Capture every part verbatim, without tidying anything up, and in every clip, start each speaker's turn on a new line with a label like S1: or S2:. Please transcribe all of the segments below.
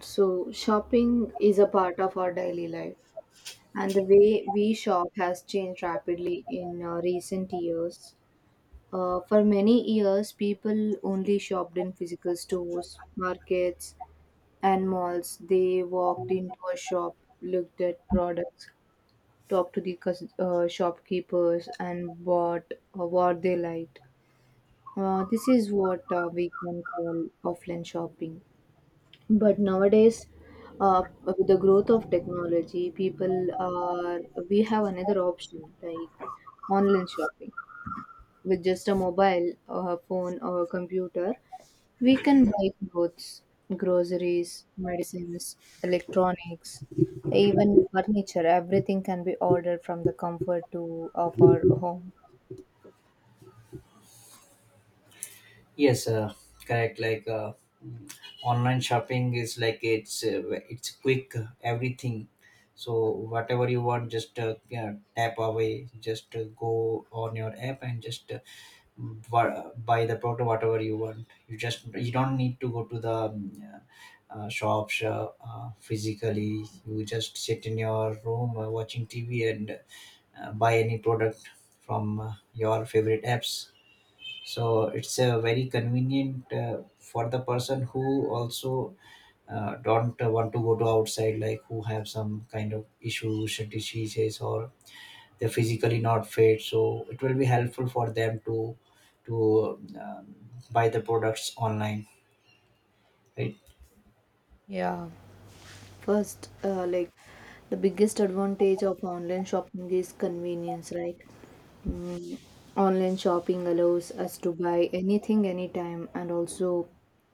S1: So, shopping is a part of our daily life, and the way we shop has changed rapidly in uh, recent years. Uh, for many years, people only shopped in physical stores, markets, and malls. They walked into a shop, looked at products, talked to the cus- uh, shopkeepers, and bought uh, what they liked. Uh, this is what uh, we can call offline shopping. But nowadays, uh, with the growth of technology, people are we have another option like online shopping. With just a mobile, or a phone, or a computer, we can buy clothes, groceries, medicines, electronics, even furniture. Everything can be ordered from the comfort to of our home.
S2: Yes, uh, correct. Like uh, mm, online shopping is like it's uh, it's quick uh, everything. So whatever you want, just uh, yeah, tap away. Just uh, go on your app and just uh, bu- buy the product whatever you want. You just you don't need to go to the um, uh, shops uh, uh, physically. You just sit in your room uh, watching T V and uh, buy any product from uh, your favorite apps, so it's uh, very convenient uh, for the person who also uh, don't uh, want to go to outside, like who have some kind of issues and diseases, or they're physically not fit, so it will be helpful for them to to um, buy the products online, right?
S1: Yeah. First, uh, like the biggest advantage of online shopping is convenience, right? Mm, online shopping allows us to buy anything, anytime, and also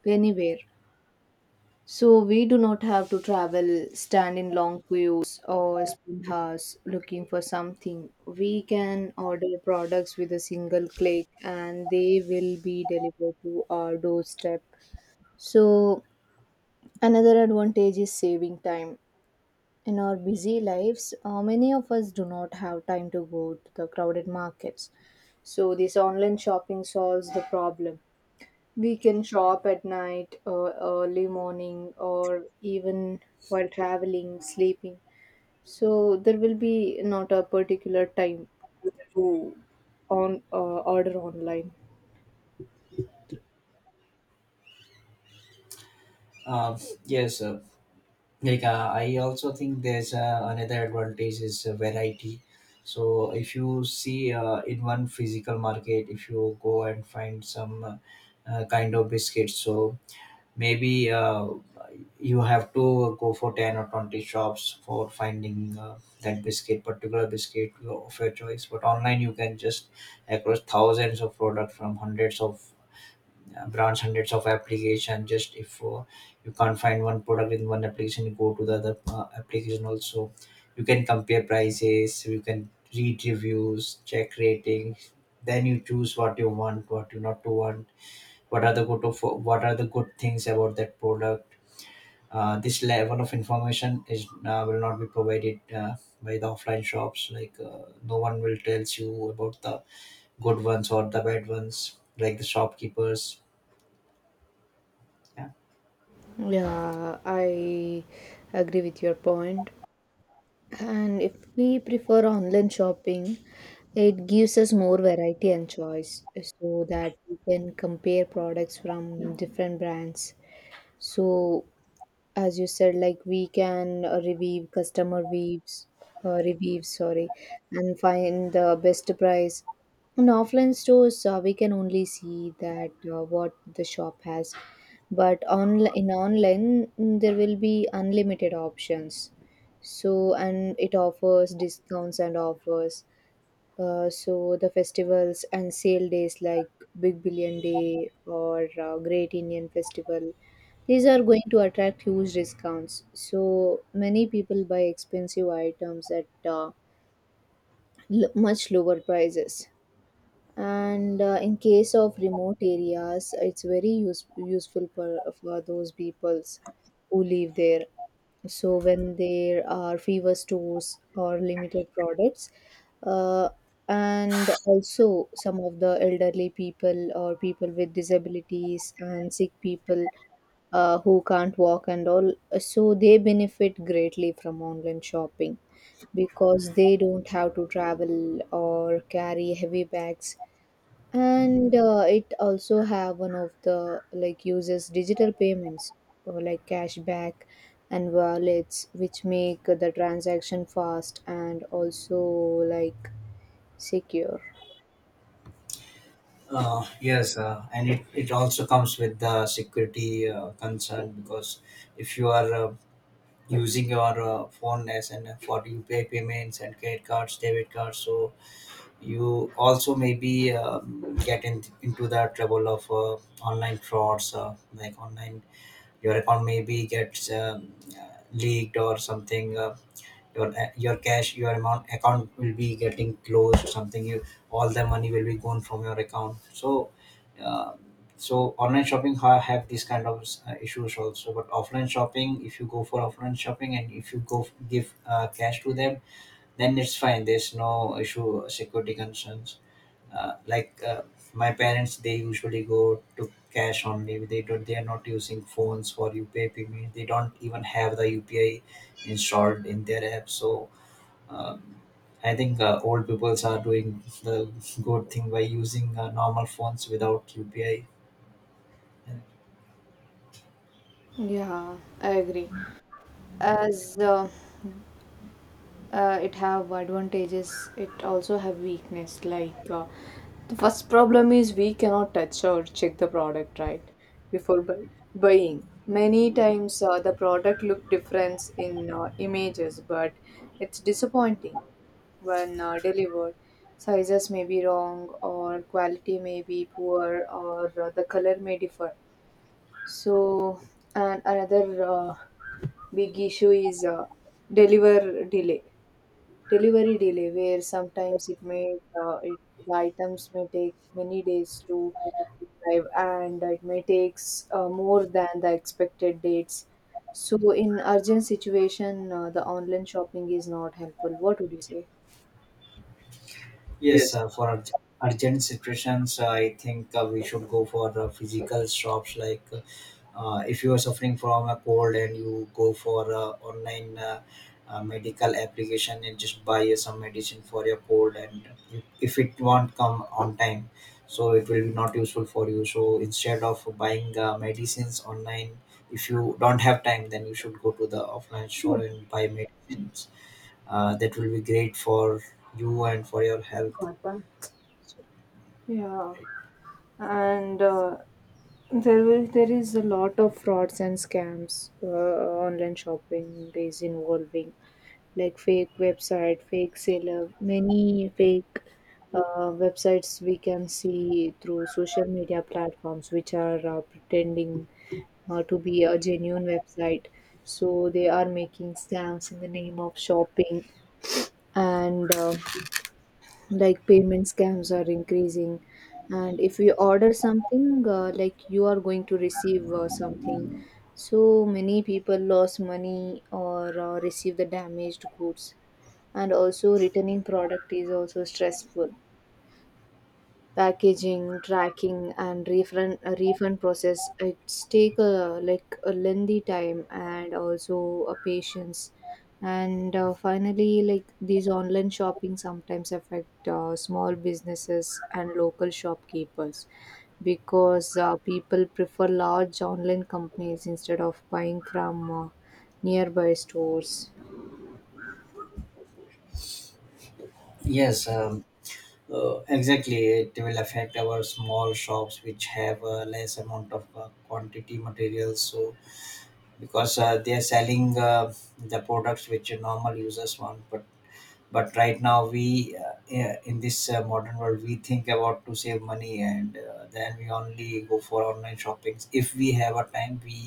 S1: anywhere. So we do not have to travel, stand in long queues, or spend hours looking for something. We can order products with a single click and they will be delivered to our doorstep. So another advantage is saving time. In our busy lives, uh, many of us do not have time to go to the crowded markets. So, this online shopping solves the problem. We can shop at night, or early morning, or even while traveling, sleeping. So, there will be not a particular time to on uh, order online.
S2: um, yes, uh, like, uh, I also think there's uh, another advantage is uh, variety. So if you see, uh, in one physical market, if you go and find some uh, uh, kind of biscuits, so maybe uh, you have to go for ten or twenty shops for finding uh, that biscuit, particular biscuit of your choice. But online you can just across thousands of products from hundreds of uh, branch, hundreds of application. Just if uh, you can't find one product in one application, you go to the other uh, application also. You can compare prices, you can read reviews, check ratings, then you choose what you want, what you not to want, what are the good of what are the good things about that product. uh, this level of information is uh, will not be provided uh, by the offline shops, like uh, no one will tells you about the good ones or the bad ones like the shopkeepers. Yeah.
S1: Yeah, I agree with your point. And if we prefer online shopping, it gives us more variety and choice so that we can compare products from different brands. So as you said, like, we can uh, revive customer weaves, uh, revive, sorry, and find the best price in offline stores. Uh, we can only see that uh, what the shop has, but on in online, mm, there will be unlimited options. So and it offers discounts and offers, uh, so the festivals and sale days like Big Billion Day or uh, Great Indian Festival, these are going to attract huge discounts. So many people buy expensive items at uh, l- much lower prices. And uh, in case of remote areas, it's very use- useful for, for those peoples who live there, so when there are fewer stores or limited products, uh, and also some of the elderly people or people with disabilities and sick people uh, who can't walk and all, uh, so they benefit greatly from online shopping because they don't have to travel or carry heavy bags. And uh, it also have one of the like uses digital payments or like cashback and wallets, which make the transaction fast and also like secure.
S2: Uh, yes, uh, and it, it also comes with the security uh, concern, because if you are uh, using your uh, phone as and for U P I payments and credit cards, debit cards. So you also maybe um, get in, into the trouble of uh, online frauds, uh, like online your account maybe gets um, uh, leaked or something. Uh, your your cash, your amount account will be getting closed, something, you, all the money will be gone from your account, so uh, so online shopping ha- have these kind of uh, issues also. But offline shopping, if you go for offline shopping and if you go f- give uh, cash to them, then it's fine. There's no issue security concerns, uh, like, uh, my parents they usually go to cash only, they don't, they are not using phones for U P I payment, they don't even have the U P I installed in their app. So uh, I think uh, old people are doing the good thing by using uh, normal phones without U P I.
S1: Yeah, I agree. As uh, uh, it have advantages, it also have weakness. Like uh, the first problem is we cannot touch or check the product, right? Before buy- buying many times, uh, the product look different in uh, images, but it's disappointing when uh, delivered. Sizes may be wrong, or quality may be poor, or uh, the color may differ. So and another uh, big issue is, uh, deliver delay delivery delay, where sometimes it may uh, it, the items may take many days to arrive, and it may takes uh, more than the expected dates. So in urgent situation, uh, the online shopping is not helpful. What would you say?
S2: Yes,
S1: Yes.
S2: uh, for urg- urgent situations, uh, I think uh, we should go for uh, physical shops. Like uh, uh, if you are suffering from a cold and you go for a online uh, uh, medical application and just buy uh, some medicine for your cold, and if if it won't come on time, so it will be not useful for you. So instead of buying uh, medicines online, if you don't have time, then you should go to the offline store and buy medicines uh, that will be great for you and for your health.
S1: Yeah, and uh, there will there is a lot of frauds and scams. Uh, online shopping is involving like fake website, fake seller, many fake uh, websites we can see through social media platforms, which are uh, pretending uh, to be a genuine website. So they are making scams in the name of shopping, and uh, like payment scams are increasing. And if you order something, uh, like you are going to receive uh, something. So many people lost money or uh, received the damaged goods, and also returning product is also stressful. Packaging, tracking and refund, uh, refund process, it's take a like a lengthy time and also a patience. And uh, finally, like these online shopping sometimes affect uh, small businesses and local shopkeepers, because uh, people prefer large online companies instead of buying from uh, nearby stores.
S2: Yes, uh, Uh, exactly, it will affect our small shops which have a less amount of uh, quantity materials. So because uh, they are selling uh, the products which normal users want, but but right now we uh, yeah, in this uh, modern world, we think about to save money, and uh, then we only go for online shoppings. If we have a time, we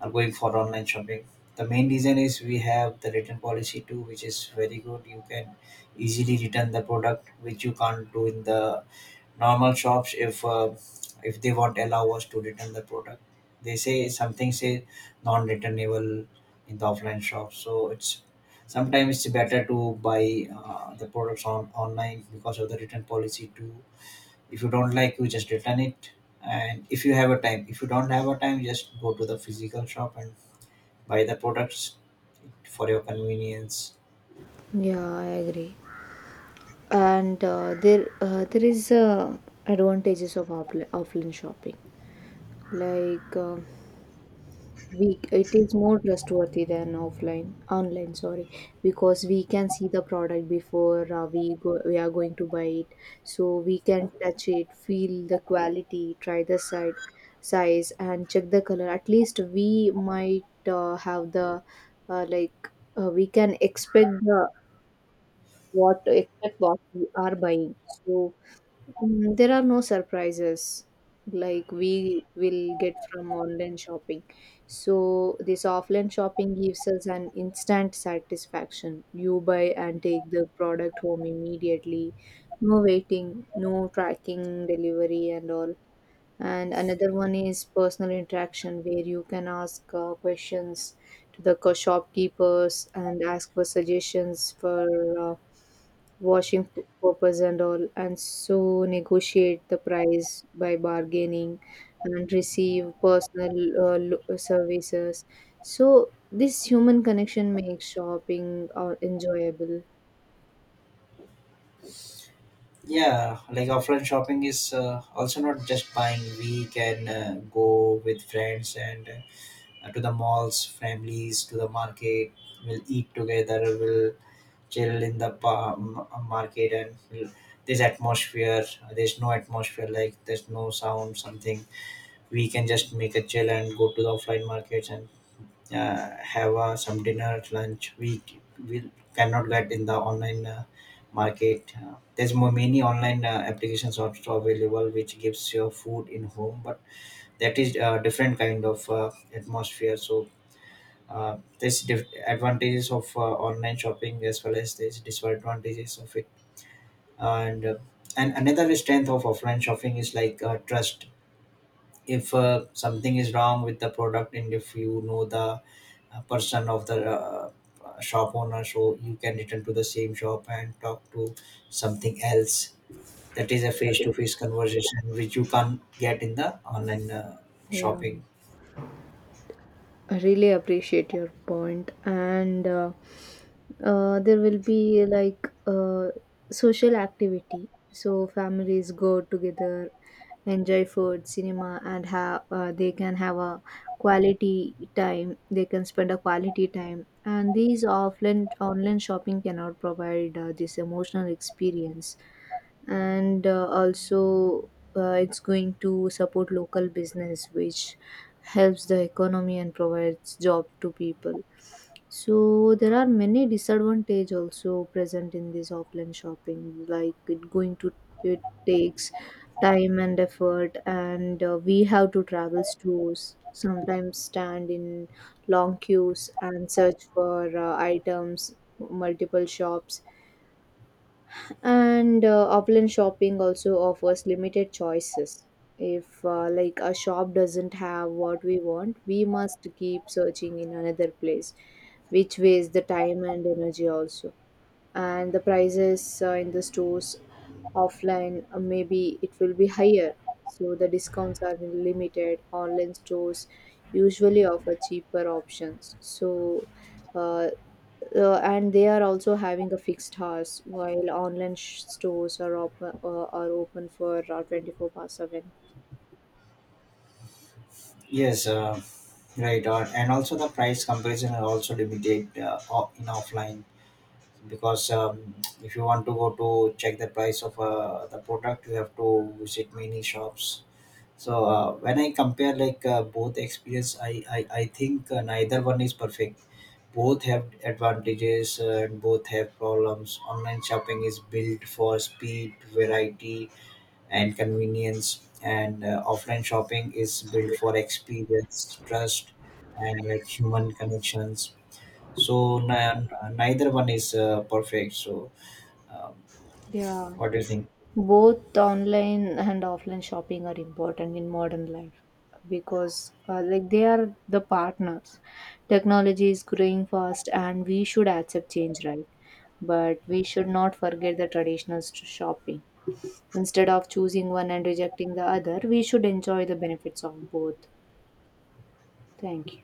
S2: are going for online shopping. The main reason is we have the return policy too, which is very good. You can easily return the product, which you can't do in the normal shops. If uh, if they won't allow us to return the product, they say something, say non-returnable in the offline shop. So it's sometimes it's better to buy uh, the products on online because of the return policy too. If you don't like, you just return it. And if you have a time if you don't have a time, just go to the physical shop and buy the products for your convenience.
S1: Yeah, I agree. And uh, there uh, there is, uh, advantages of offli- offline shopping, like, uh, we, it is more trustworthy than offline online, sorry, because we can see the product before uh, we go we are going to buy it. So we can touch it, feel the quality, try the side size, and check the color. At least we might uh, have the uh, like uh, we can expect the what expect what we are buying. So, mm, there are no surprises like we will get from online shopping. So, this offline shopping gives us an instant satisfaction. You buy and take the product home immediately. No waiting, no tracking delivery, and all. And another one is personal interaction, where you can ask uh, questions to the co- shopkeepers and ask for suggestions for uh, washing p- purpose and all, and so negotiate the price by bargaining and receive personal uh, lo- services. So this human connection makes shopping uh, enjoyable.
S2: Yeah, like offline shopping is uh, also not just buying. We can uh, go with friends and uh, to the malls, families, to the market. We'll eat together. We'll chill in the pa- m- market, and we'll, there's atmosphere. There's no atmosphere. Like there's no sound, something. We can just make a chill and go to the offline markets and uh, have uh, some dinner, lunch, we we cannot get in the online uh, market. Uh, there's more many online uh, applications also available which gives your food in home, but that is a different kind of uh, atmosphere. So uh, there's diff- advantages of uh, online shopping as well as there's disadvantages of it. And uh, and another strength of offline shopping is like uh, trust. If uh, something is wrong with the product, and if you know the uh, person of the uh, uh, shop owner, so you can return to the same shop and talk to something else. That is a face-to-face conversation which you can't get in the online uh,
S1: Yeah,
S2: shopping.
S1: I really appreciate your point. And uh, uh, there will be like uh, social activity. So families go together, enjoy food, cinema, and have uh, they can have a quality time. They can spend a quality time, and these offline online shopping cannot provide uh, this emotional experience. And uh, also, uh, it's going to support local business, which helps the economy and provides job to people. So there are many disadvantage also present in this offline shopping, like it going to, it takes time and effort, and uh, we have to travel stores, sometimes stand in long queues and search for uh, items multiple shops. And uh, offline shopping also offers limited choices. If uh, like a shop doesn't have what we want, we must keep searching in another place, which wastes the time and energy also. And the prices uh, in the stores offline, uh, maybe it will be higher. So the discounts are limited, online stores usually offer cheaper options. So uh, uh, and they are also having a fixed hours, while online sh- stores are open uh, are open for uh, twenty-four past seven.
S2: Yes, uh, right, uh, and also the price comparison are also limited uh, o- in offline, because um, if you want to go to check the price of uh, the product, you have to visit many shops. So uh, when I compare, like, uh, both experience, I, I, I think uh, neither one is perfect. Both have advantages uh, and both have problems. Online shopping is built for speed, variety, and convenience, and uh, offline shopping is built for experience, trust, and like human connections. So n- neither one is uh, perfect. So um,
S1: Yeah.
S2: what do you think?
S1: Both online and offline shopping are important in modern life, because uh, like they are the partners. Technology is growing fast and we should accept change, right? But we should not forget the traditional st- shopping. Instead of choosing one and rejecting the other, we should enjoy the benefits of both. Thank you.